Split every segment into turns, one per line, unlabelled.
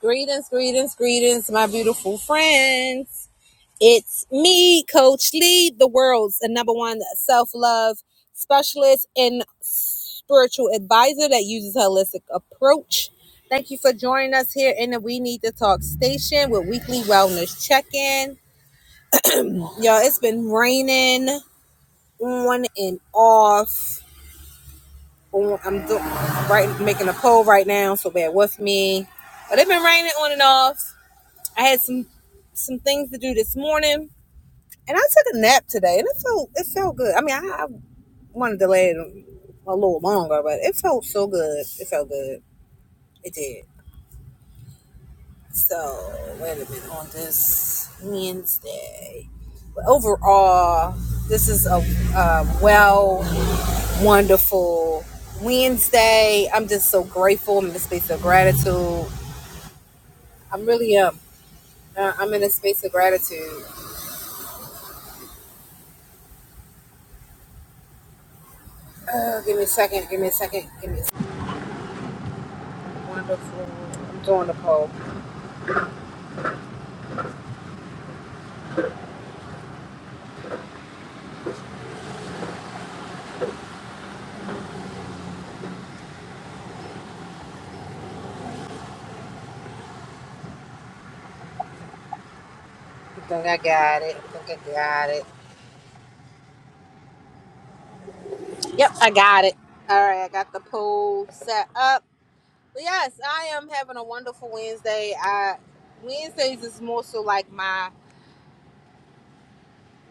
Greetings, greetings, greetings, my beautiful friends. It's me, Coach Lee, the world's number one self love specialist and spiritual advisor that uses holistic approach. Thank you for joining us here in the We Need to Talk station with weekly wellness check in. Y'all, it's been raining on and off. On- I'm do- right making a poll right now, so bear with me. But it's been raining on and off I had some some things to do this morning. And I took a nap today, and it felt it felt good. I mean, I, I wanted to lay it a little longer, but it felt so good. It felt good. It did. So wait a minute on this Wednesday. But overall, this is a, a well, wonderful Wednesday. I'm just so grateful. I'm in a space of gratitude. I'm really um, uh, I'm in a space of gratitude. Uh, give me a second. Give me a second. Give me a second. Wonderful. I'm doing the poll. I think I got it. I think I got it. Yep, I got it. All right, I got the poll set up. But yes, I am having a wonderful Wednesday. I Wednesdays is more so like my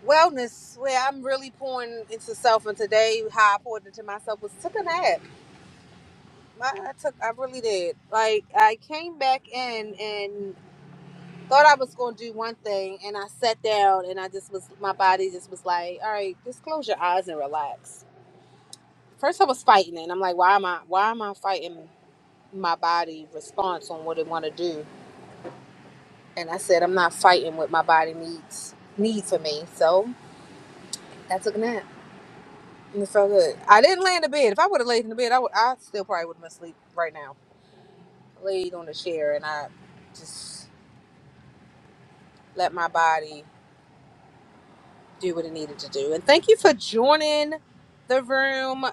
wellness where I'm really pouring into self. And today, how I poured into myself was took a nap. I, I took, I really did. Like I came back in and thought I was gonna do one thing, and I sat down and I just was my body just was like, all right, just close your eyes and relax First, I was fighting it. And I'm like, why am I? Why am I fighting my body response on what it want to do? And I said, I'm not fighting what my body needs needs for me. So I took a nap, and it felt good. I didn't lay in the bed. If I would have laid in the bed, I would. I still probably would have been asleep right now. I laid on the chair, and I just let my body do what it needed to do. And thank you for joining the room,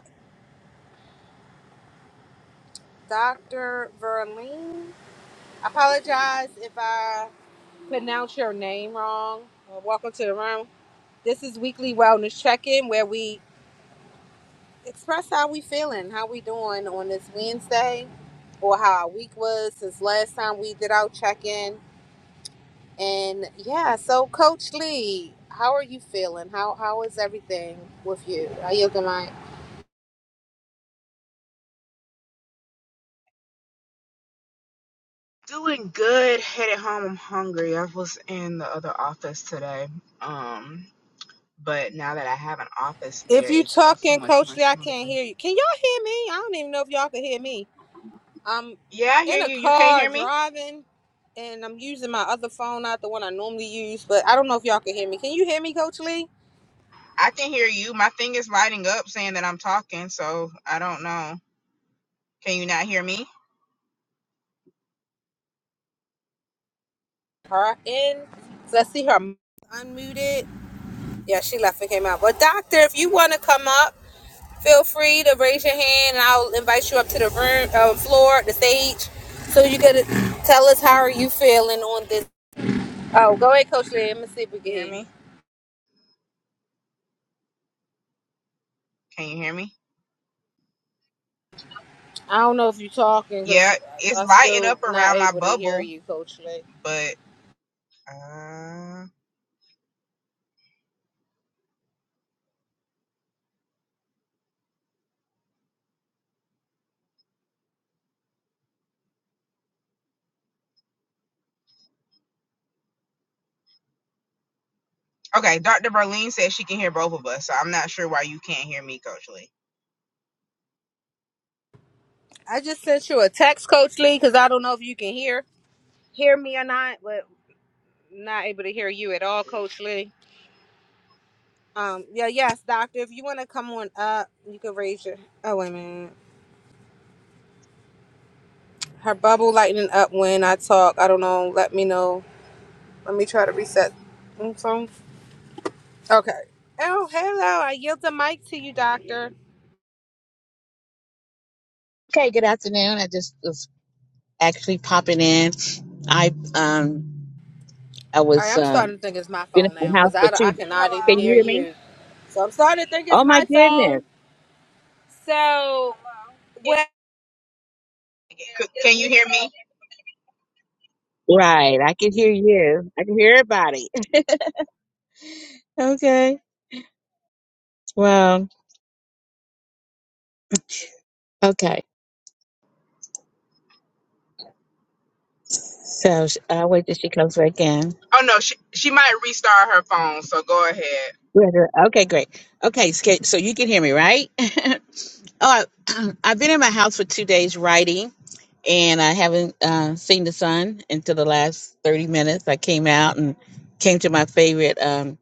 Doctor Verlene. I apologize if I pronounce your name wrong. Well, welcome to the room. This is weekly wellness check-in where we express how we feeling, how we doing on this Wednesday, or how our week was since last time we did our check-in. And yeah, so Coach Lee, how are you feeling? How how is everything with you? Are you the mic?
Doing good. Headed home. I'm hungry. I was in the other office today. Um, but now that I have an office
If
there,
you
it goes so
talking,
much
Coach
more
Lee, I can't
smoothly.
hear you. Can y'all hear me? I don't even know if y'all can hear me. I'm
Yeah, I
in
hear
a
you. You can't
car
hear me?
driving and I'm using my other phone, not the one I normally use, but I don't know if y'all can hear me. Can you hear me, Coach Lee?
I can hear you. My thing is lighting up saying that I'm talking, so I don't know. Can you not hear me?
Her in. So us see her unmuted. Yeah, she left and came out. But doctor, if you want to come up, feel free to raise your hand and I'll invite you up to the room uh, floor, the stage, so you can tell us how are you feeling on this. Oh, go ahead, Coach Lee. Let me see if we can
You
hear
hear
you.
me? Can you hear me?
I don't know if you're talking because
Yeah, it's
I'm
lighting
still
up
not
around my
able to hear
bubble,
you, Coach Lee.
but uh Okay, Dr. Berlin says she can hear both of us, so I'm not sure why you can't hear me, Coach Lee.
I just sent you a text, Coach Lee, because I don't know if you can hear hear me or not, but not able to hear you at all, Coach Lee. Um, yeah, yes, Doctor. If you want to come on up, you can raise your. Oh wait a minute, her bubble lighting up when I talk. I don't know. Let me know. Let me try to reset. Mm, so- Okay. Oh hello, I yield the mic to you, Doctor.
Okay, good afternoon. I just was actually popping in. I um I
All
was
right, I'm
um
starting to think it's my
been in
phone now
the house
because
for
I,
two
I cannot even
can you
hear
hear me?
you. So I'm starting to think it's
Oh my
my
goodness.
phone. So, Hello.
C- can you hear me?
Right. I can hear you. I can hear everybody. Okay. Well, okay. So sh- I'll wait till she comes back in.
Oh no, she she might restart her phone. So go ahead.
Right, right. Okay, great. Okay, so so you can hear me, right? oh, I, I've been in my house for two days writing and I haven't uh, seen the sun until the last 30 minutes. I came out and came to my favorite um,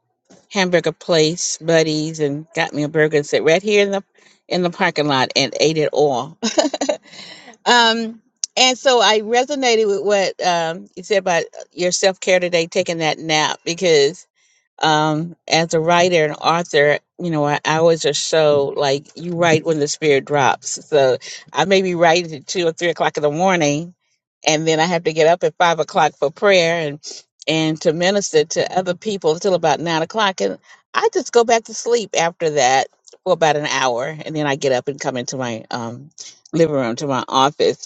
hamburger place, Buddies, and got me a burger and sat right here in the in the parking lot and ate it all. um, and so I resonated with what um, you said about your self care today, taking that nap because um, as a writer and author, you know, I I always just show like you write when the spirit drops. So I may be writing at two or three o'clock in the morning, and then I have to get up at five o'clock for prayer and and to minister to other people until about nine o'clock, and I just go back to sleep after that for about an hour, and then I get up and come into my um, living room to my office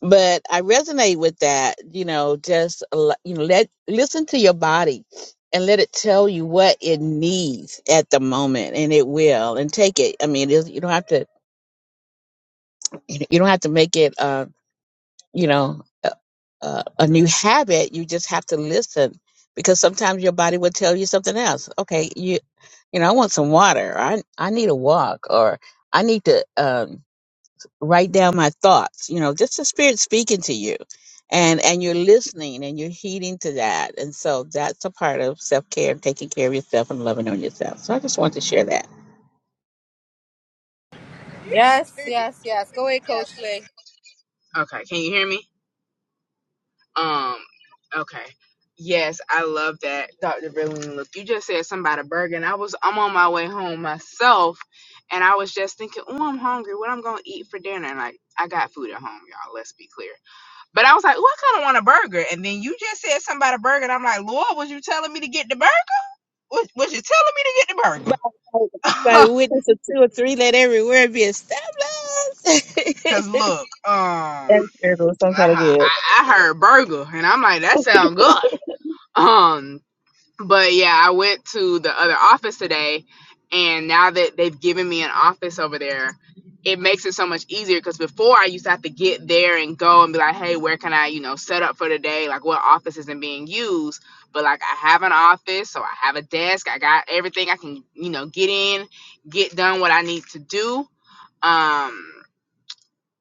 but I resonate with that. You know, just l- you know, let listen to your body and let it tell you what it needs at the moment, and it will. And take it. I mean, it's, you don't have to. You don't have to make it. Uh, you know, a, a a new habit. You just have to listen because sometimes your body will tell you something else. Okay, you. You know, I want some water. Or I I need a walk, or I need to. Um, write down my thoughts you know just the spirit speaking to you and and you're listening and you're heeding to that and so that's a part of self-care and taking care of yourself and loving on yourself so i just wanted to share that
Yes, yes, yes. Go ahead,
Yes.
Coach Lee.
Okay, can you hear me? Um, okay. Yes, I love that, Dr. Verlene. Look, you just said something about a burger, and I was I'm on my way home myself, and I was just thinking, oh, I'm hungry. What I'm gonna eat for dinner? And like, I got food at home, y'all. Let's be clear. But I was like, oh, I kind of want a burger. And then you just said something about a burger, and I'm like, Lord, was you telling me to get the burger? Was, was you telling me to get the
By, by
burger?
the witness of two or three, let every word be established.
Cause look, um.
That's terrible. Some
I,
kind of good.
I I heard burger, and I'm like, that sounds good. Um, but yeah, I went to the other office today, and now that they've given me an office over there, it makes it so much easier. Because before, I used to have to get there and go and be like, hey, where can I, you know, set up for the day? Like, what office isn't being used? But like, I have an office, so I have a desk. I got everything I can, you know, get in, get done what I need to do. Um,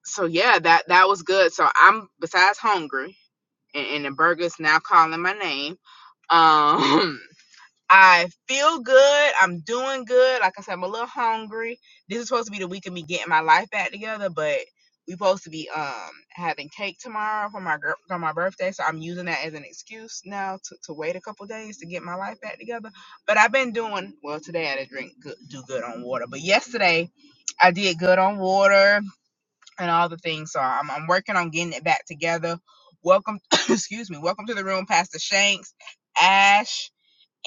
so yeah, that that was good. So I'm besides hungry and, and the burger's now calling my name. Um, I feel good. I'm doing good. Like I said, I'm a little hungry. This is supposed to be the week of me getting my life back together, but we are supposed to be um having cake tomorrow for my girl for my birthday, so I'm using that as an excuse now to, to wait a couple days to get my life back together. But I've been doing well today. I didn't drink good, do good on water, but yesterday I did good on water and all the things. So I'm, I'm working on getting it back together. Welcome, excuse me. Welcome to the room, Pastor Shanks, Ash,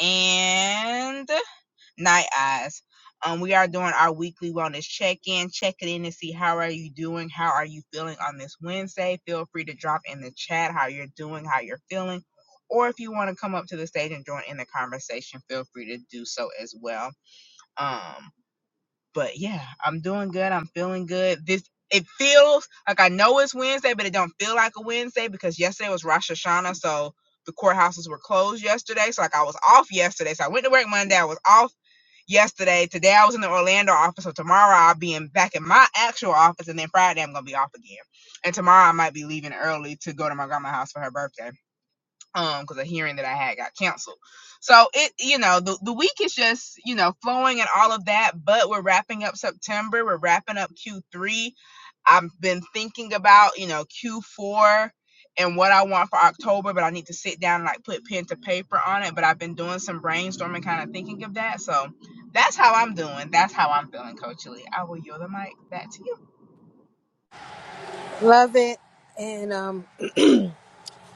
and Night Eyes. Um, we are doing our weekly wellness check-in. Check it in and see how are you doing. How are you feeling on this Wednesday? Feel free to drop in the chat how you're doing, how you're feeling, or if you want to come up to the stage and join in the conversation, feel free to do so as well. Um, but yeah, I'm doing good. I'm feeling good. This it feels like I know it's Wednesday, but it don't feel like a Wednesday because yesterday was Rosh Hashanah, so the courthouses were closed yesterday. So like I was off yesterday. So I went to work Monday. I was off yesterday. Today I was in the Orlando office. So tomorrow I'll be in back in my actual office, and then Friday I'm gonna be off again. And tomorrow I might be leaving early to go to my grandma's house for her birthday um because a hearing that i had got canceled so it you know the, the week is just you know flowing and all of that but we're wrapping up september we're wrapping up q3 i've been thinking about you know q4 and what i want for october but i need to sit down and like put pen to paper on it but i've been doing some brainstorming kind of thinking of that so that's how i'm doing that's how i'm feeling coach lee i will yield the mic back to you
Love it. And um,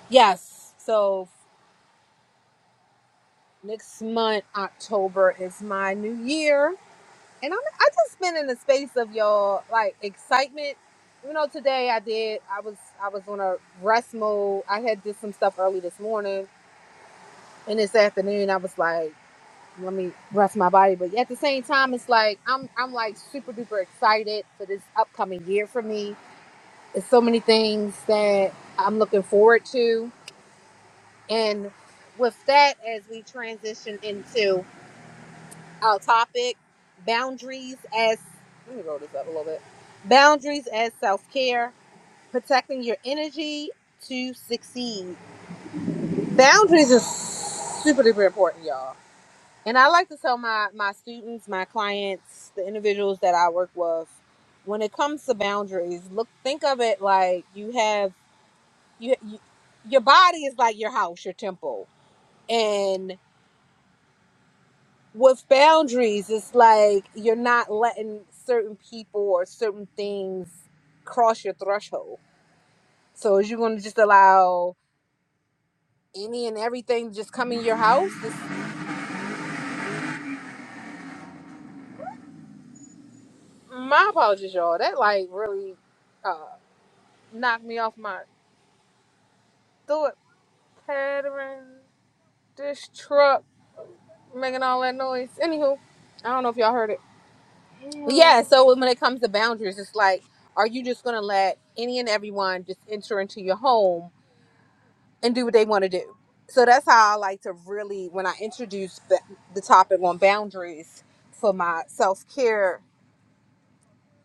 yes. So next month, October is my new year, and I'm I just been in the space of y'all like excitement. You know, today I did. I was I was on a rest mode. I had did some stuff early this morning, and this afternoon I was like, let me rest my body. But at the same time, it's like I'm I'm like super duper excited for this upcoming year for me It's so many things that I'm looking forward to. And with that, as we transition into our topic, boundaries as let me roll this up a little bit. Boundaries as self care, protecting your energy to succeed. Boundaries is super duper important, y'all. And I like to tell my my students, my clients, the individuals that I work with, when it comes to boundaries, look think of it like you have you, you your body is like your house, your temple. And with boundaries, it's like you're not letting certain people or certain things cross your threshold. So is you going to just allow any and everything to just come in your house? This, my apologies, y'all. That like really uh, knocked me off my thought pattern. This truck making all that noise. Anywho, I don't know if y'all heard it. Yeah, so when it comes to boundaries, it's like, are you just gonna let any and everyone just enter into your home and do what they want to do? So that's how I like to really, when I introduce the, the topic on boundaries for my self care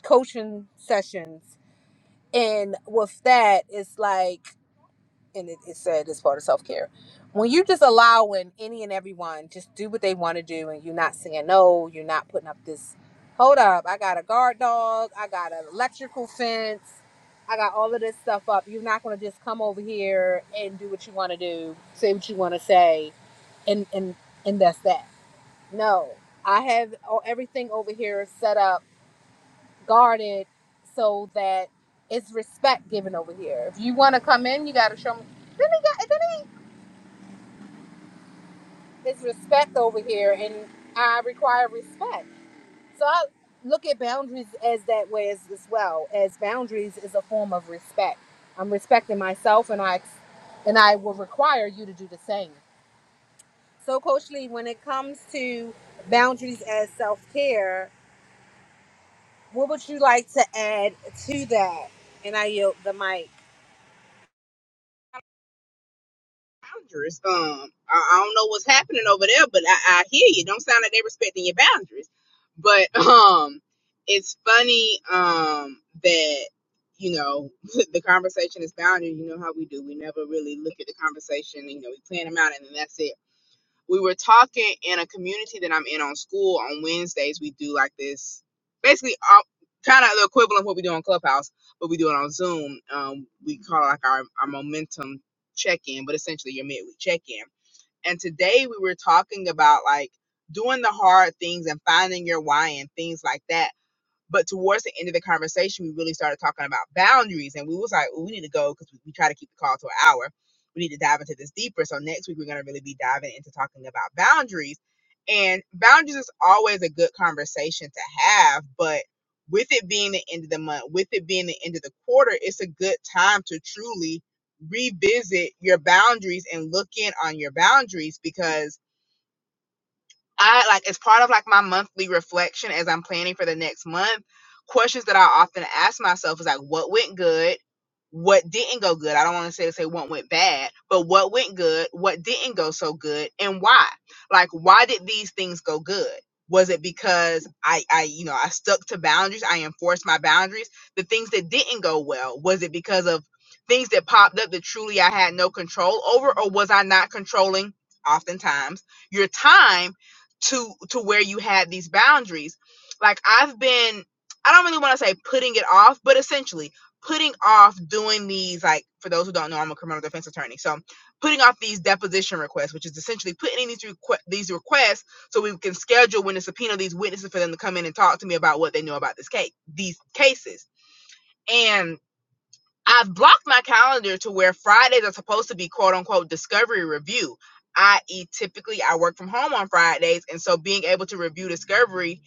coaching sessions, and with that, it's like. and it, it said it's part of self care. When you just allowing any and everyone just do what they want to do, and you're not saying no, you're not putting up this. Hold up, I got a guard dog, I got an electrical fence, I got all of this stuff up. You're not going to just come over here and do what you want to do, say what you want to say, and and and that's that. No, I have all, everything over here set up, guarded, so that it's respect given over here. If you want to come in, you got to show me. Then they got, then It's respect over here, and I require respect. So I look at boundaries as that way as, as well. As boundaries is a form of respect. I'm respecting myself, and I ex- and I will require you to do the same. So, Coach Lee, when it comes to boundaries as self care, what would you like to add to that? And I yield the mic.
boundaries. Um, I, I don't know what's happening over there, but I, I hear you. Don't sound like they're respecting your boundaries. But um, it's funny um that you know the conversation is boundary. You know how we do. We never really look at the conversation. You know, we plan them out, and then that's it we were talking in a community that I'm in on school on Wednesdays. We do like this, basically, uh, kind of the equivalent of what we do on Clubhouse, but we do it on Zoom. Um, we call it like our, our momentum check in, but essentially your midweek check in. And today we were talking about like doing the hard things and finding your why and things like that but towards the end of the conversation, we really started talking about boundaries, and we was like, "Ooh, we need to go because we, we try to keep the call to an hour. We need to dive into this deeper. So next week, we're going to really be diving into talking about boundaries. And boundaries is always a good conversation to have, but with it being the end of the month, with it being the end of the quarter, it's a good time to truly revisit your boundaries and look in on your boundaries because I like as part of like my monthly reflection as I'm planning for the next month, questions that I often ask myself is like what went good, what didn't go good. I don't want to say to say what went bad, but what went good, what didn't go so good, and why? Like why did these things go good? Was it because I I you know I stuck to boundaries, I enforced my boundaries? The things that didn't go well, was it because of things that popped up that truly I had no control over or was I not controlling oftentimes your time to to where you had these boundaries like i've been i don't really want to say putting it off but essentially putting off doing these like for those who don't know i'm a criminal defense attorney so putting off these deposition requests which is essentially putting in these, requ- these requests so we can schedule when to subpoena these witnesses for them to come in and talk to me about what they know about this case these cases and. I've blocked my calendar to where Fridays are supposed to be quote unquote discovery review, i.e., typically I work from home on Fridays. And so being able to review discovery,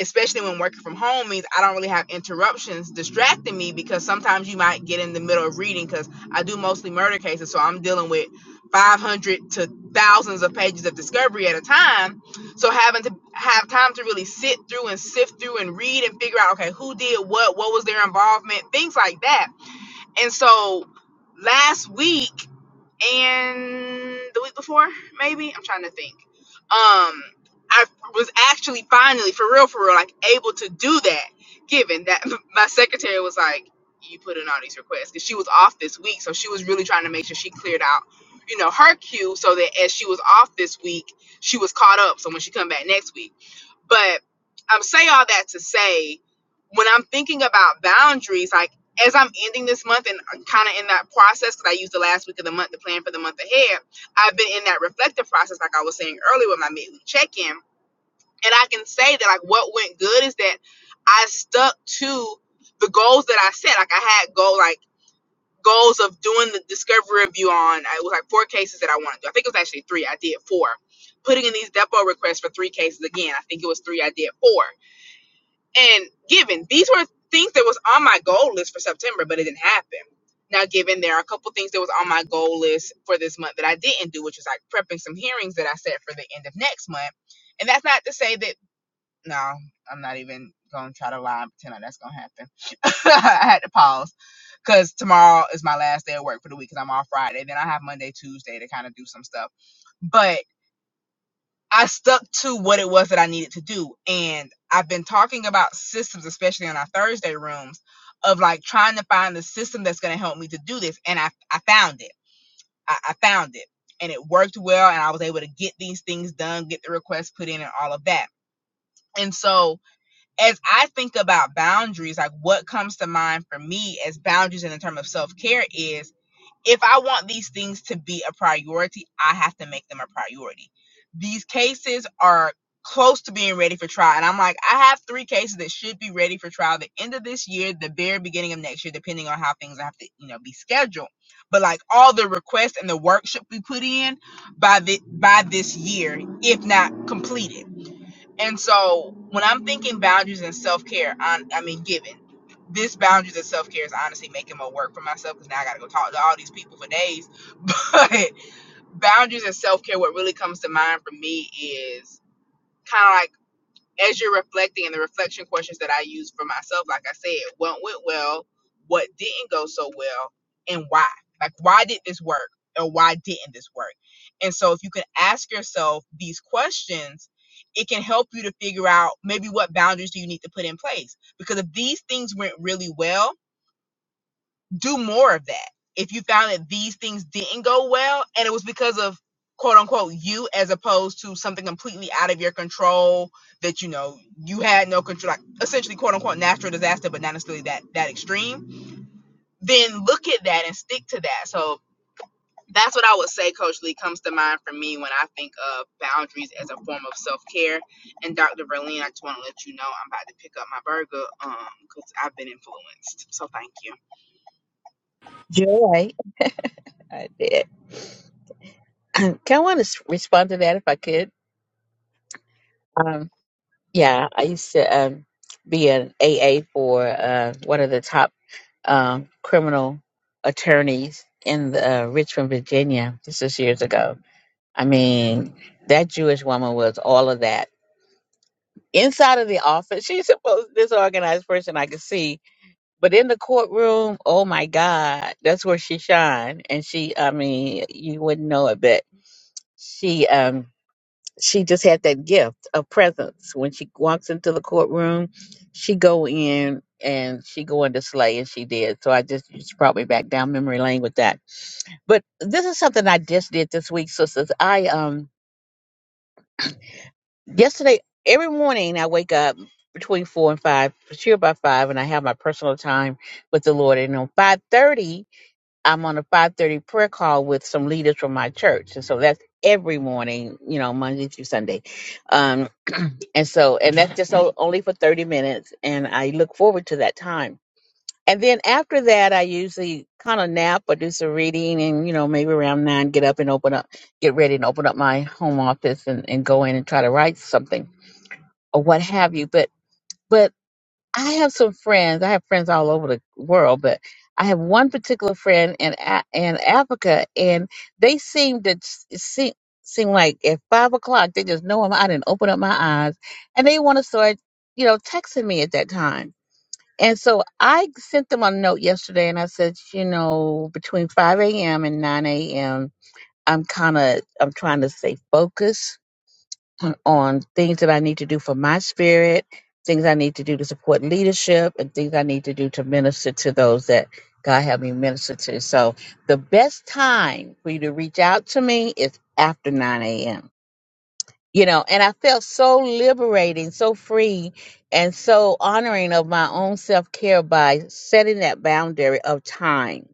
especially when working from home, means I don't really have interruptions distracting me because sometimes you might get in the middle of reading because I do mostly murder cases. So I'm dealing with 500 to thousands of pages of discovery at a time. So having to have time to really sit through and sift through and read and figure out, okay, who did what, what was their involvement, things like that and so last week and the week before, maybe I'm trying to think. Um, I was actually finally, for real, for real, like able to do that. Given that my secretary was like, "You put in all these requests," because she was off this week, so she was really trying to make sure she cleared out, you know, her queue, so that as she was off this week, she was caught up. So when she come back next week, but I'm say all that to say, when I'm thinking about boundaries, like as I'm ending this month and kind of in that process, because I used the last week of the month to plan for the month ahead, I've been in that reflective process, like I was saying earlier with my midweek check in. And I can say that, like, what went good is that I stuck to the goals that I set. Like, I had goal, like, goals of doing the discovery review on, uh, it was like four cases that I wanted to do. I think it was actually three. I did four. Putting in these depot requests for three cases again. I think it was three. I did four and given these were things that was on my goal list for september but it didn't happen now given there are a couple things that was on my goal list for this month that i didn't do which is like prepping some hearings that i set for the end of next month and that's not to say that no i'm not even gonna try to lie and pretend like that's gonna happen i had to pause because tomorrow is my last day of work for the week because i'm off friday then i have monday tuesday to kind of do some stuff But I stuck to what it was that I needed to do. And I've been talking about systems, especially on our Thursday rooms, of like trying to find the system that's going to help me to do this. And I, I found it. I, I found it. And it worked well. And I was able to get these things done, get the requests put in, and all of that. And so, as I think about boundaries, like what comes to mind for me as boundaries and in terms of self care is if I want these things to be a priority, I have to make them a priority. These cases are close to being ready for trial. And I'm like, I have three cases that should be ready for trial the end of this year, the very beginning of next year, depending on how things have to, you know, be scheduled. But like all the requests and the work should be put in by the by this year, if not completed. And so when I'm thinking boundaries and self care, I, I mean, given this boundaries and self care is honestly making more work for myself because now I got to go talk to all these people for days. But boundaries and self care, what really comes to mind for me is kind of like as you're reflecting and the reflection questions that I use for myself, like I said, what went well, what didn't go so well, and why? Like, why did this work or why didn't this work? And so, if you can ask yourself these questions, it can help you to figure out maybe what boundaries do you need to put in place. Because if these things went really well, do more of that. If you found that these things didn't go well and it was because of quote unquote you as opposed to something completely out of your control that you know you had no control like essentially quote unquote natural disaster but not necessarily that that extreme then look at that and stick to that so that's what i would say coach lee comes to mind for me when i think of boundaries as a form of self-care and dr verlene i just want to let you know i'm about to pick up my burger um because i've been influenced so thank you
Joy. I did. Um, Kind of want to respond to that if I could. Um, yeah, I used to um, be an AA for uh, one of the top um, criminal attorneys in the, uh, Richmond, Virginia. This was years ago. I mean, that Jewish woman was all of that. Inside of the office, she's the most disorganized person I could see But in the courtroom, oh my God, that's where she shined. And she, I mean, you wouldn't know it, but she, um, she just had that gift of presence. When she walks into the courtroom, she go in and she go into slay, and she did. So I just she brought me back down memory lane with that. But this is something I just did this week, sisters. I um yesterday every morning I wake up between four and five, for sure by five, and I have my personal time with the Lord. And on five thirty I'm on a 5:30 prayer call with some leaders from my church, and so that's every morning, you know, Monday through Sunday. Um, and so, and that's just o- only for 30 minutes, and I look forward to that time. And then after that, I usually kind of nap or do some reading, and you know, maybe around nine, get up and open up, get ready and open up my home office and, and go in and try to write something or what have you. But but I have some friends. I have friends all over the world, but I have one particular friend in A- in Africa, and they seem to seem seem like at five o'clock they just know I'm out and open up my eyes, and they want to start, you know, texting me at that time. And so I sent them a note yesterday, and I said, you know, between five a.m. and nine a.m., I'm kind of I'm trying to stay focused on things that I need to do for my spirit, things I need to do to support leadership, and things I need to do to minister to those that God have me minister to. So the best time for you to reach out to me is after 9 a.m. You know, and I felt so liberating, so free, and so honoring of my own self care by setting that boundary of time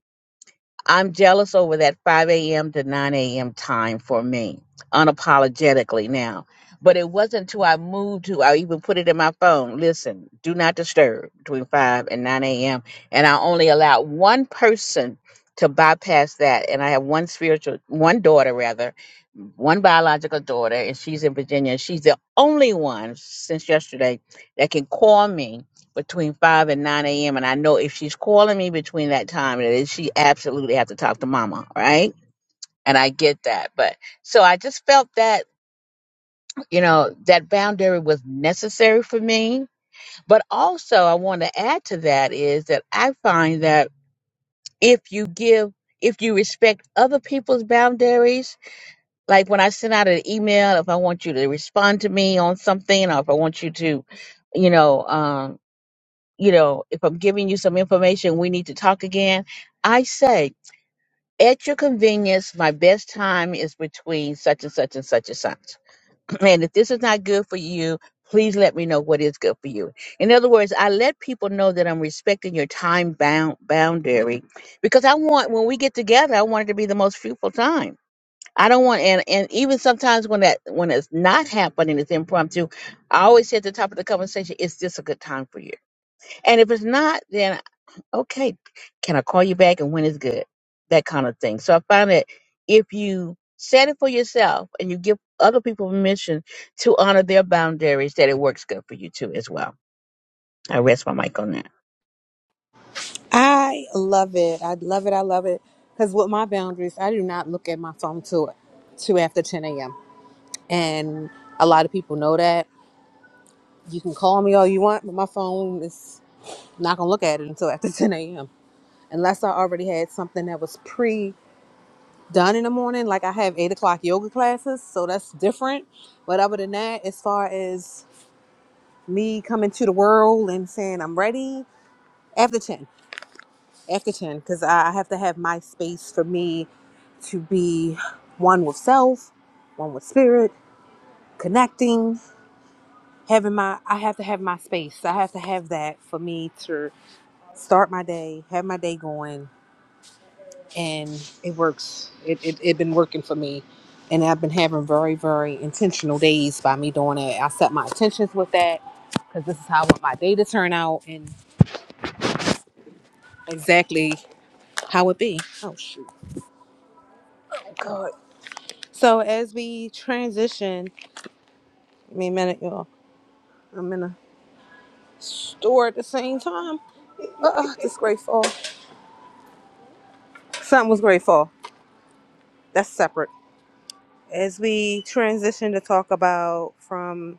I'm jealous over that 5 a.m. to 9 a.m. time for me, unapologetically now. But it wasn't till I moved to, I even put it in my phone. Listen, do not disturb between 5 and 9 a.m. And I only allowed one person to bypass that. And I have one spiritual, one daughter rather, one biological daughter, and she's in Virginia. She's the only one since yesterday that can call me between 5 and 9 a.m. And I know if she's calling me between that time, then she absolutely have to talk to mama, right? And I get that. But so I just felt that, you know, that boundary was necessary for me. But also, I want to add to that is that I find that if you give, if you respect other people's boundaries, like when I send out an email, if I want you to respond to me on something or if I want you to, you know, um you know, if I'm giving you some information, we need to talk again. I say, at your convenience, my best time is between such and such and such and such. And if this is not good for you, please let me know what is good for you. In other words, I let people know that I'm respecting your time bound boundary because I want when we get together, I want it to be the most fruitful time. I don't want and, and even sometimes when that when it's not happening, it's impromptu. I always say at the top of the conversation, is this a good time for you? And if it's not, then okay, can I call you back and when is good? That kind of thing. So I find that if you set it for yourself and you give other people permission to honor their boundaries, that it works good for you too as well. I rest my mic on that.
I love it. I love it. I love it. Because with my boundaries, I do not look at my phone till, till after 10 a.m. and a lot of people know that. You can call me all you want, but my phone is not gonna look at it until after 10 a.m. Unless I already had something that was pre done in the morning, like I have eight o'clock yoga classes, so that's different. But other than that, as far as me coming to the world and saying I'm ready after 10, after 10, because I I have to have my space for me to be one with self, one with spirit, connecting. having my I have to have my space. I have to have that for me to start my day, have my day going, and it works. It it, it been working for me, and I've been having very very intentional days by me doing it. I set my intentions with that because this is how I want my day to turn out and exactly how it be. Oh shoot, God. So as we transition, give me a minute, y'all. I'm in a store at the same time. Uh, uh, this great fall. Something was great fall. That's separate. As we transition to talk about from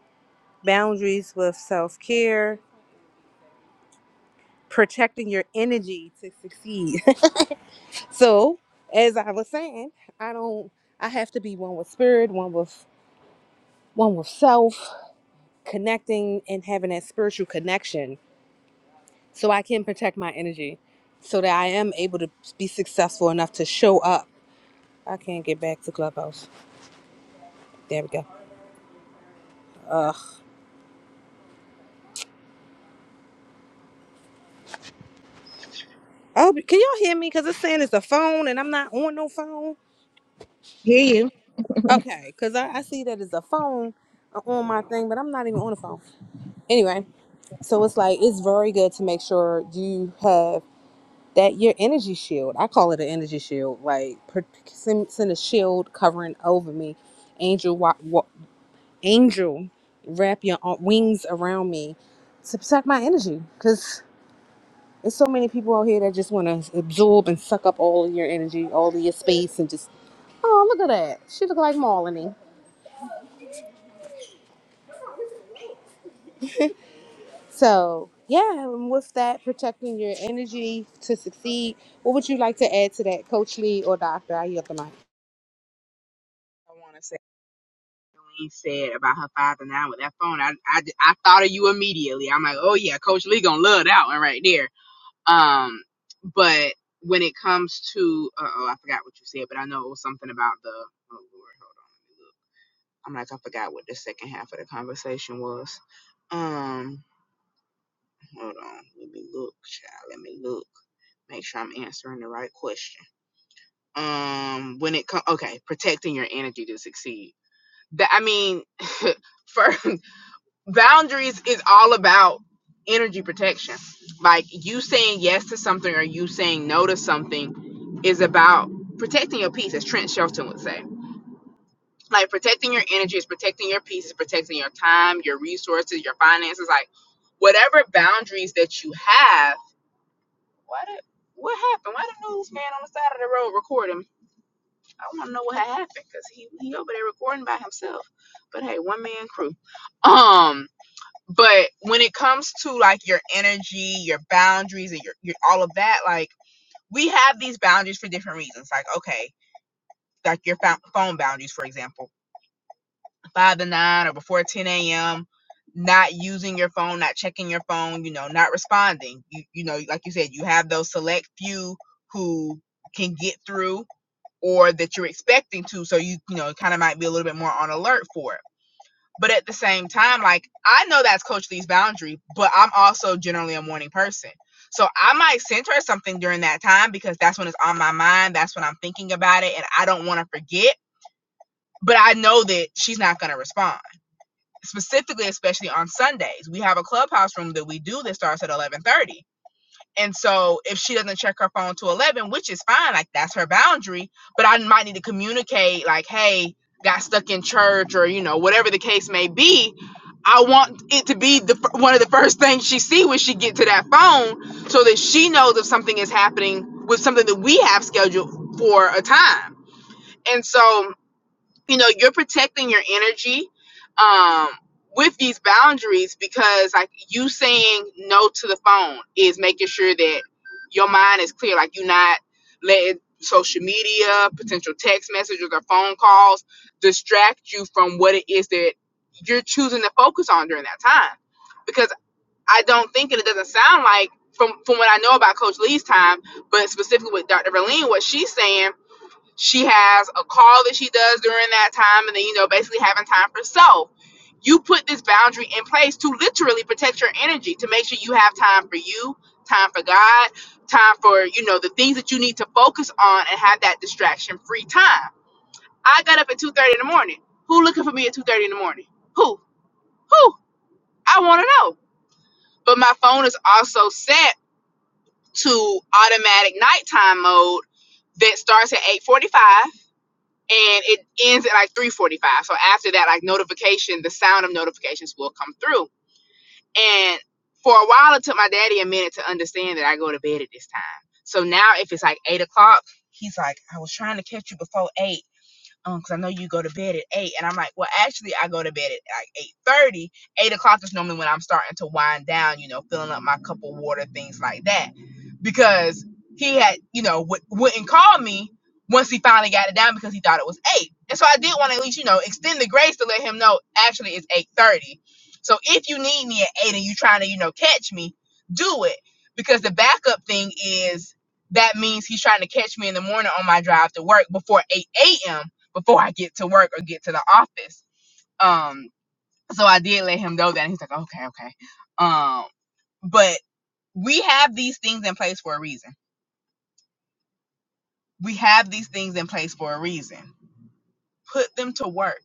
boundaries with self care, protecting your energy to succeed. so, as I was saying, I don't, I have to be one with spirit, one with, one with self, connecting and having that spiritual connection so I can protect my energy so that I am able to be successful enough to show up. I can't get back to Clubhouse. There we go. Ugh. Oh, can y'all hear me? Because it's saying it's a phone and I'm not on no phone.
Hear
Okay, because I, I see that as a phone uh, on my thing, but I'm not even on the phone. Anyway, so it's like it's very good to make sure you have that your energy shield. I call it an energy shield. Like per- send, send a shield covering over me, angel, wa- wa- angel, wrap your ar- wings around me to protect my energy. Because there's so many people out here that just want to absorb and suck up all of your energy, all of your space, and just oh look at that, she look like Marlene. So, yeah, and with that, protecting your energy to succeed, what would you like to add to that, Coach Lee or Doctor? I yield the mic.
I want to say. Lee said about her father now with that phone, I, I, I thought of you immediately. I'm like, oh yeah, Coach Lee gonna love that one right there. Um, but when it comes to, uh oh, I forgot what you said, but I know it was something about the. Oh Lord, hold on, let me look. I'm like, I forgot what the second half of the conversation was. Um, hold on, let me look, child. Let me look. Make sure I'm answering the right question. Um, when it comes, okay, protecting your energy to succeed. That I mean, for. boundaries is all about energy protection. Like you saying yes to something or you saying no to something is about protecting your peace, as Trent Shelton would say. Like protecting your energy is protecting your peace, is protecting your time, your resources, your finances, like whatever boundaries that you have. Why did what happened? Why the newsman on the side of the road recording? I want to know what happened because he he over there recording by himself. But hey, one man crew. Um, But when it comes to like your energy, your boundaries, and your, your all of that, like we have these boundaries for different reasons. Like, okay, like your phou- phone boundaries, for example, five to nine or before 10 a.m., not using your phone, not checking your phone, you know, not responding. You, you know, like you said, you have those select few who can get through or that you're expecting to. So you, you know, kind of might be a little bit more on alert for. But at the same time, like I know that's Coach Lee's boundary, but I'm also generally a morning person. So I might send her something during that time because that's when it's on my mind. That's when I'm thinking about it and I don't want to forget. But I know that she's not going to respond. Specifically, especially on Sundays, we have a clubhouse room that we do that starts at 11:30. And so if she doesn't check her phone to 11, which is fine, like that's her boundary, but I might need to communicate, like, hey, got stuck in church or, you know, whatever the case may be. I want it to be the one of the first things she see when she get to that phone so that she knows if something is happening with something that we have scheduled for a time. And so you know you're protecting your energy um with these boundaries because like you saying no to the phone is making sure that your mind is clear like you're not letting social media potential text messages or phone calls distract you from what it is that you're choosing to focus on during that time because i don't think and it doesn't sound like from from what i know about coach lee's time but specifically with dr verlene what she's saying she has a call that she does during that time, and then, you know, basically having time for self. You put this boundary in place to literally protect your energy, to make sure you have time for you, time for God, time for, you know, the things that you need to focus on and have that distraction free time. I got up at 2.30 in the morning. Who looking for me at 2.30 in the morning? Who? Who? I want to know. But my phone is also set to automatic nighttime mode that starts at 8:45 and it ends at like 3:45. So after that, like notification, the sound of notifications will come through. And for a while, it took my daddy a minute to understand that I go to bed at this time. So now, if it's like eight o'clock, he's like, "I was trying to catch you before 8 um, Cause I know you go to bed at eight, and I'm like, well, actually, I go to bed at like eight thirty. Eight o'clock is normally when I'm starting to wind down, you know, filling up my cup of water, things like that. Because he had, you know, w- wouldn't call me once he finally got it down because he thought it was eight, and so I did want to at least, you know, extend the grace to let him know actually it's eight thirty. So if you need me at eight and you are trying to, you know, catch me, do it because the backup thing is that means he's trying to catch me in the morning on my drive to work before 8 a.m before I get to work or get to the office. Um, so I did let him know that. And he's like, okay, okay. Um, but we have these things in place for a reason. We have these things in place for a reason. Put them to work.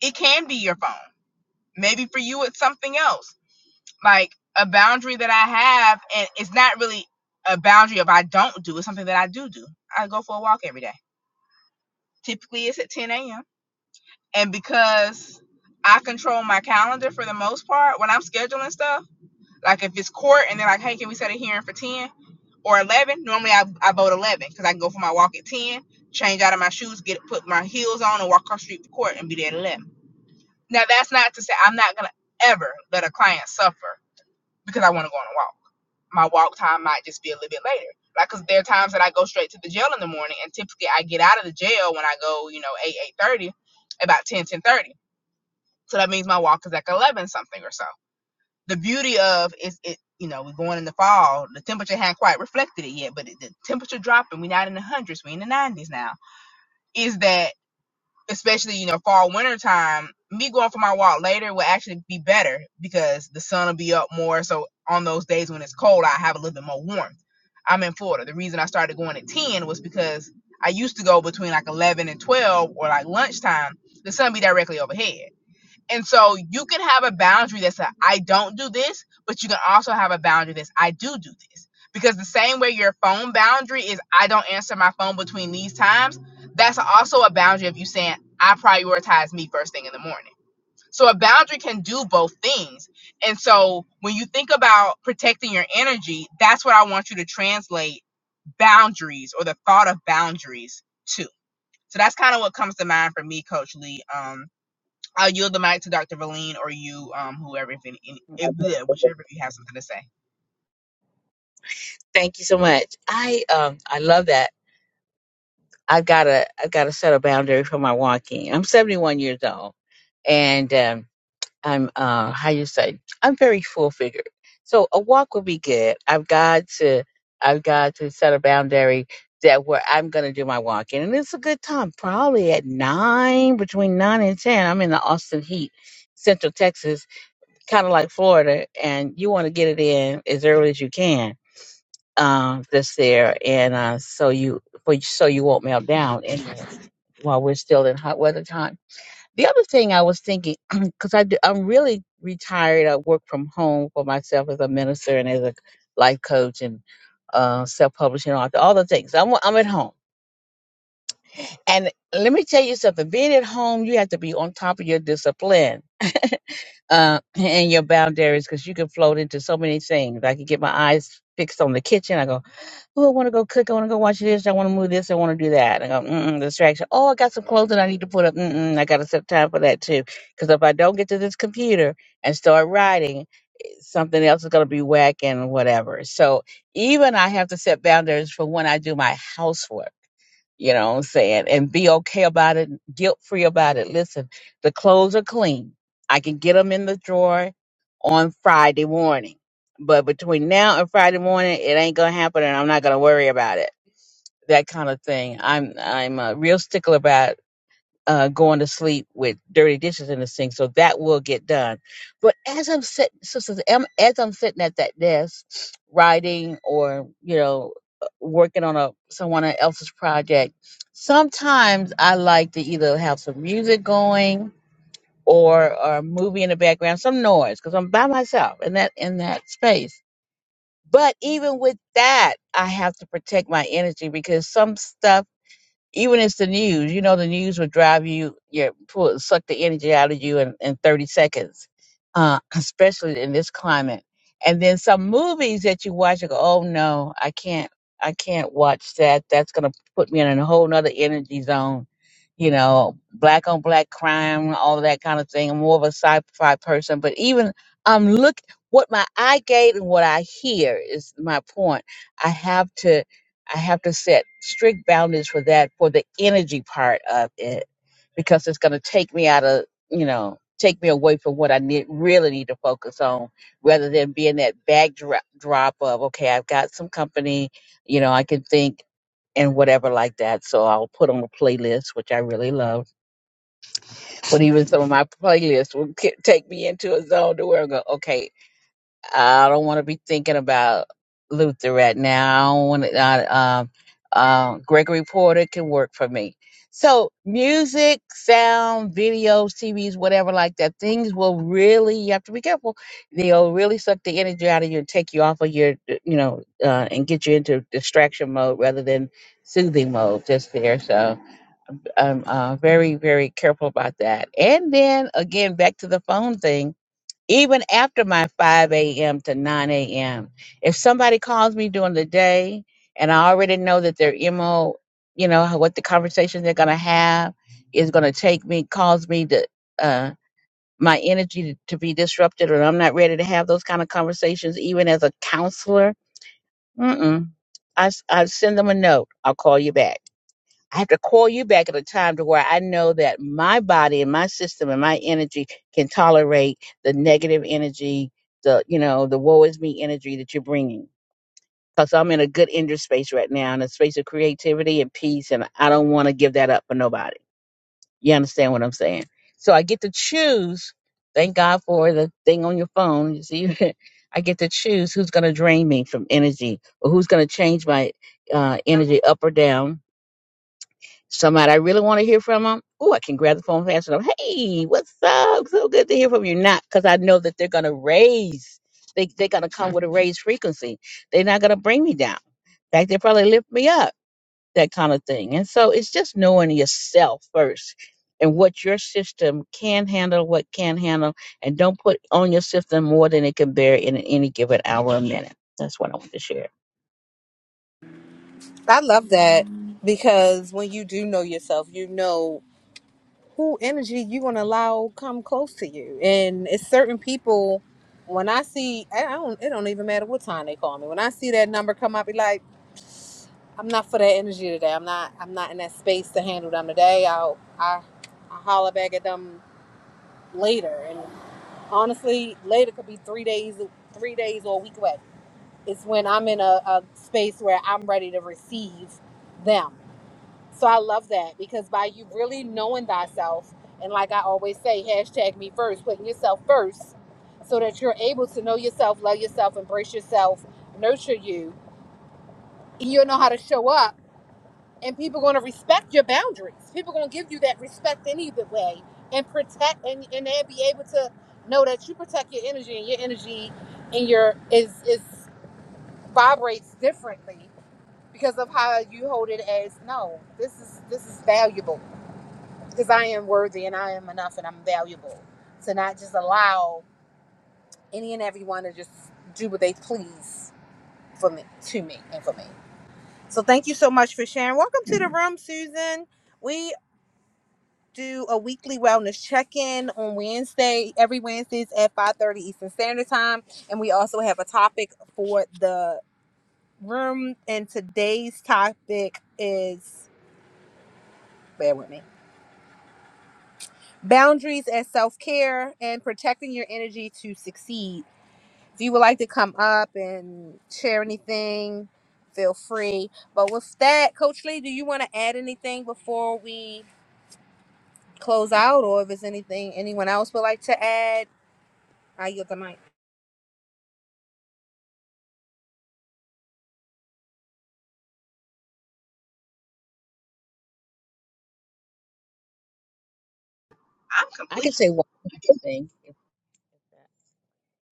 It can be your phone. Maybe for you, it's something else. Like a boundary that I have, and it's not really a boundary of I don't do, it's something that I do do. I go for a walk every day. Typically, it's at 10 a.m. And because I control my calendar for the most part, when I'm scheduling stuff, Like if it's court and they're like, hey, can we set a hearing for 10 or 11? Normally I, I vote 11 because I can go for my walk at 10, change out of my shoes, get put my heels on and walk across the street to court and be there at 11. Now that's not to say I'm not going to ever let a client suffer because I want to go on a walk. My walk time might just be a little bit later. Like, cause there are times that I go straight to the jail in the morning, and typically I get out of the jail when I go, you know, eight eight thirty, about 10 10 30. So that means my walk is like eleven something or so the beauty of is it you know we're going in the fall the temperature hadn't quite reflected it yet but the temperature dropping we're not in the hundreds we're in the 90s now is that especially you know fall winter time me going for my walk later will actually be better because the sun will be up more so on those days when it's cold i have a little bit more warmth i'm in florida the reason i started going at 10 was because i used to go between like 11 and 12 or like lunchtime the sun be directly overhead and so you can have a boundary that's a, I don't do this, but you can also have a boundary that's I do do this. Because the same way your phone boundary is I don't answer my phone between these times, that's also a boundary of you saying I prioritize me first thing in the morning. So a boundary can do both things. And so when you think about protecting your energy, that's what I want you to translate boundaries or the thought of boundaries to. So that's kind of what comes to mind for me, Coach Lee. Um, I'll yield the mic to Dr. Verlene or you, um, whoever, if any, any- if yeah,
you.
whichever of you have something to say.
Thank you so much. I um I love that. I've got to I've got to set a boundary for my walking. I'm 71 years old, and um, I'm uh how you say I'm very full figured. So a walk would be good. I've got to I've got to set a boundary that where I'm going to do my walking, and it's a good time. Probably at nine between nine and ten. I'm in the Austin heat, Central Texas, kind of like Florida, and you want to get it in as early as you can uh, that's there, and uh, so you for so you won't melt down in there while we're still in hot weather time. The other thing I was thinking, because I do, I'm really retired. I work from home for myself as a minister and as a life coach and uh, self-publishing author, all the things. I'm I'm at home, and let me tell you something. Being at home, you have to be on top of your discipline uh, and your boundaries because you can float into so many things. I could get my eyes fixed on the kitchen. I go. Oh, I want to go cook. I want to go watch this. I want to move this. I want to do that. I go, mm-mm, distraction. Oh, I got some clothing I need to put up. Mm-mm, I got to set time for that too. Because if I don't get to this computer and start writing, something else is going to be whack and whatever. So even I have to set boundaries for when I do my housework you know what I'm saying? And be okay about it, guilt free about it. Listen, the clothes are clean. I can get them in the drawer on Friday morning. But between now and Friday morning, it ain't gonna happen and I'm not gonna worry about it. That kind of thing. I'm I'm a real stickler about uh, going to sleep with dirty dishes in the sink, so that will get done. But as I'm sitting, so, so am- as I'm sitting at that desk, writing or you know, uh, working on a someone else's project, sometimes I like to either have some music going or, or a movie in the background, some noise, because I'm by myself in that in that space. But even with that, I have to protect my energy because some stuff even it's the news. You know, the news will drive you, your pull, suck the energy out of you in, in 30 seconds, uh, especially in this climate. And then some movies that you watch, you go, oh no, I can't, I can't watch that. That's gonna put me in a whole nother energy zone. You know, black on black crime, all of that kind of thing. I'm more of a sci-fi person, but even I'm look what my eye gate and what I hear is my point. I have to I have to set strict boundaries for that for the energy part of it because it's going to take me out of, you know, take me away from what I need really need to focus on rather than being that backdrop drop of okay, I've got some company, you know, I can think and whatever like that. So I'll put on a playlist, which I really love. But even some of my playlists will ki- take me into a zone to where I go, okay, I don't want to be thinking about Luther right now. I don't want to, I, um, um, Gregory Porter can work for me. So music, sound, videos, TVs, whatever like that, things will really, you have to be careful. They'll really suck the energy out of you and take you off of your, uh, you know, uh, and get you into distraction mode rather than soothing mode just there. So I'm uh, very, very careful about that. And then again, back to the phone thing even after my 5 a.m. to 9 a.m. If somebody calls me during the day and I already know that their MO, you know, how- what the conversation they're going to have is going to take me, cause me to, uh, my energy to, to be disrupted or I'm not ready to have those kind of conversations, even as a counselor, mm-mm. I, s- I send them a note. I'll call you back I have to call you back at a time to where I know that my body and my system and my energy can tolerate the negative energy, the you know, the woe is me energy that you're bringing. Because I'm in a good inner space right now, in a space of creativity and peace, and I don't want to give that up for nobody. You understand what I'm saying? So I get to choose. Thank God for the thing on your phone. You see, I get to choose who's going to drain me from energy or who's going to change my uh, energy up or down somebody I really want to hear from them, oh, I can grab the phone and answer them. Hey, what's up? So good to hear from you. Not because I know that they're going to raise, they, they're going to come with a raised frequency. They're not going to bring me down. In fact, they probably lift me up, that kind of thing. And so it's just knowing yourself first and what your system can handle, what can handle, and don't put on your system more than it can bear in any given hour or minute. That's what I want to share.
I love that because when you do know yourself, you know who energy you're gonna allow come close to you. And it's certain people when I see I I don't it don't even matter what time they call me. When I see that number come up, be like, I'm not for that energy today. I'm not I'm not in that space to handle them today. I'll I I holler back at them later. honestly later could be three days three days or a week away it's when i'm in a, a space where i'm ready to receive them so i love that because by you really knowing thyself and like i always say hashtag me first putting yourself first so that you're able to know yourself love yourself embrace yourself nurture you you'll know how to show up and people going to respect your boundaries. People going to give you that respect in either way, and protect, and and they'll be able to know that you protect your energy, and your energy, and your is is vibrates differently because of how you hold it as no, this is this is valuable because I am worthy and I am enough and I'm valuable to not just allow any and everyone to just do what they please for me to me and for me. So thank you so much for sharing. Welcome to the room, Susan. We do a weekly wellness check-in on Wednesday, every Wednesdays at 5:30 Eastern Standard Time, and we also have a topic for the room and today's topic is bear with me. Boundaries as self-care and protecting your energy to succeed. If you would like to come up and share anything, feel free. But with that, Coach Lee, do you want to add anything before we close out or if there's anything anyone else would like to add? I yield the mic.
I'm
I can
complete.
say one more thing.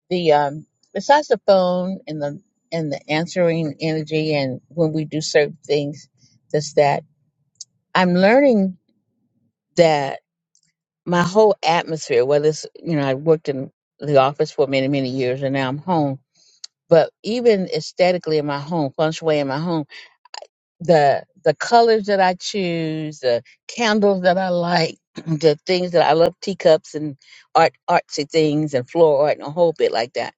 the um besides the phone and the and the answering energy and when we do certain things that's that i'm learning that my whole atmosphere whether it's you know i worked in the office for many many years and now i'm home but even aesthetically in my home feng shui in my home the the colors that i choose the candles that i like the things that i love teacups and art artsy things and floral art and a whole bit like that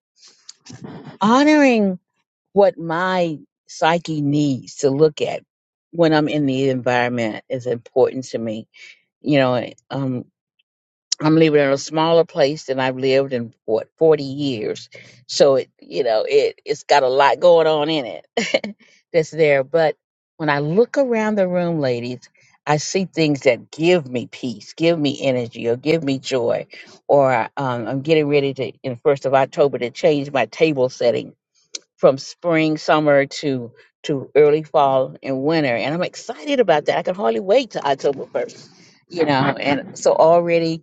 honoring what my psyche needs to look at when I'm in the environment is important to me. You know, um, I'm living in a smaller place than I've lived in what 40 years, so it you know it it's got a lot going on in it that's there. But when I look around the room, ladies. I see things that give me peace, give me energy, or give me joy. Or um, I'm getting ready to, in the first of October, to change my table setting from spring, summer to to early fall and winter. And I'm excited about that. I can hardly wait till October first, you know. And so already,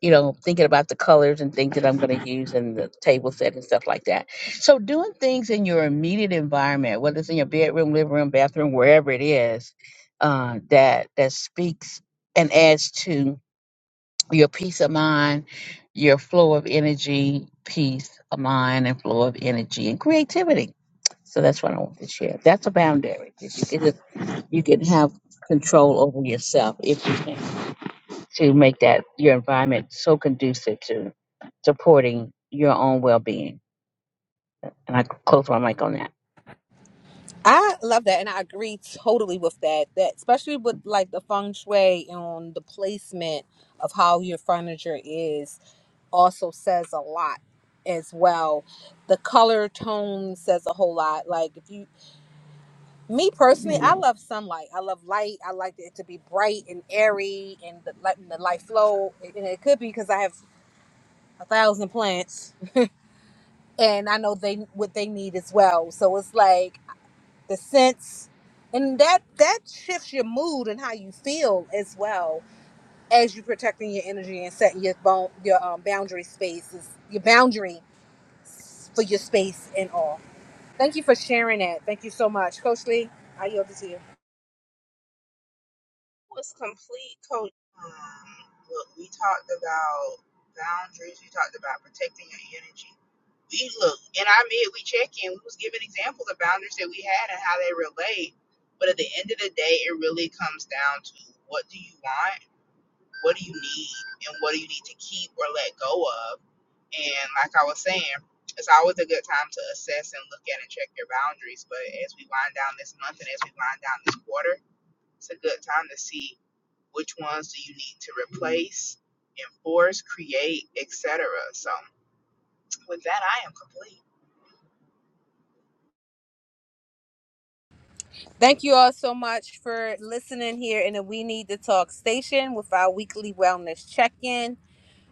you know, thinking about the colors and things that I'm going to use and the table set and stuff like that. So doing things in your immediate environment, whether it's in your bedroom, living room, bathroom, wherever it is, uh, that that speaks and adds to your peace of mind, your flow of energy, peace of mind, and flow of energy and creativity. So that's what I want to share. That's a boundary. You can, just, you can have control over yourself if you can to make that your environment so conducive to supporting your own well being. And I close my mic on that.
I love that, and I agree totally with that. That especially with like the feng shui and the placement of how your furniture is also says a lot as well. The color tone says a whole lot. Like if you, me personally, I love sunlight. I love light. I like it to be bright and airy, and the, letting the light flow. And it could be because I have a thousand plants, and I know they what they need as well. So it's like. the sense and that that shifts your mood and how you feel as well as you protecting your energy and setting your bone your um, boundary spaces your boundary for your space and all thank you for sharing that thank you so much coach lee i yield it to you
was complete, Coach. Um, look, we talked about boundaries. We talked about protecting your energy. We look in our mid, we check in. We was giving examples of boundaries that we had and how they relate. But at the end of the day, it really comes down to what do you want, what do you need, and what do you need to keep or let go of. And like I was saying, it's always a good time to assess and look at and check your boundaries. But as we wind down this month and as we wind down this quarter, it's a good time to see which ones do you need to replace, enforce, create, etc. So with that, I am complete.
thank you all so much for listening here in the we need to talk station with our weekly wellness check-in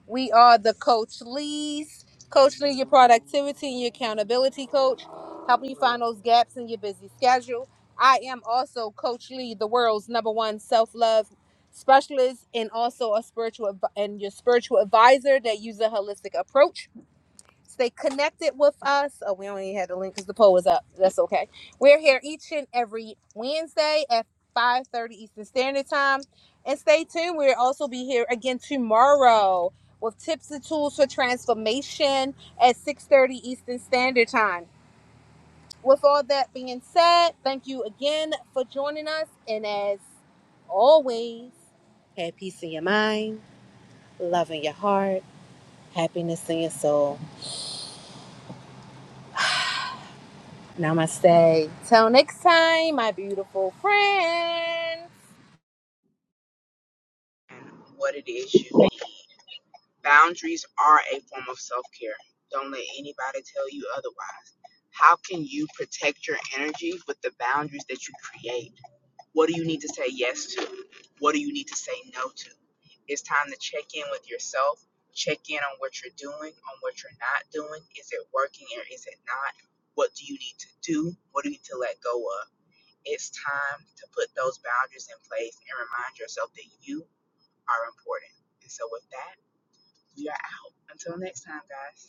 We are the Coach Lee's. Coach Lee, your productivity and your accountability coach, helping you find those gaps in your busy schedule. I am also Coach Lee, the world's number one self love specialist, and also a spiritual adv- and your spiritual advisor that uses a holistic approach Stay connected with us. Oh, we only had the link because the poll was up. That's okay. We're here each and every Wednesday at 5.30 Eastern Standard Time. And stay tuned. We'll also be here again tomorrow with tips and tools for transformation at 6.30 Eastern Standard Time. With all that being said, thank you again for joining us. And as always, have peace in your mind, love in your heart, happiness in your soul. Namaste. Till next time, my beautiful friend.
And what it is you need. Boundaries are a form of self care. Don't let anybody tell you otherwise. How can you protect your energy with the boundaries that you create? What do you need to say yes to? What do you need to say no to? It's time to check in with yourself, check in on what you're doing, on what you're not doing. Is it working or is it not? What do you need to do? What do you need to let go of? It's time to put those boundaries in place and remind yourself that you are important. And so, with that, we are out. Until next time, guys.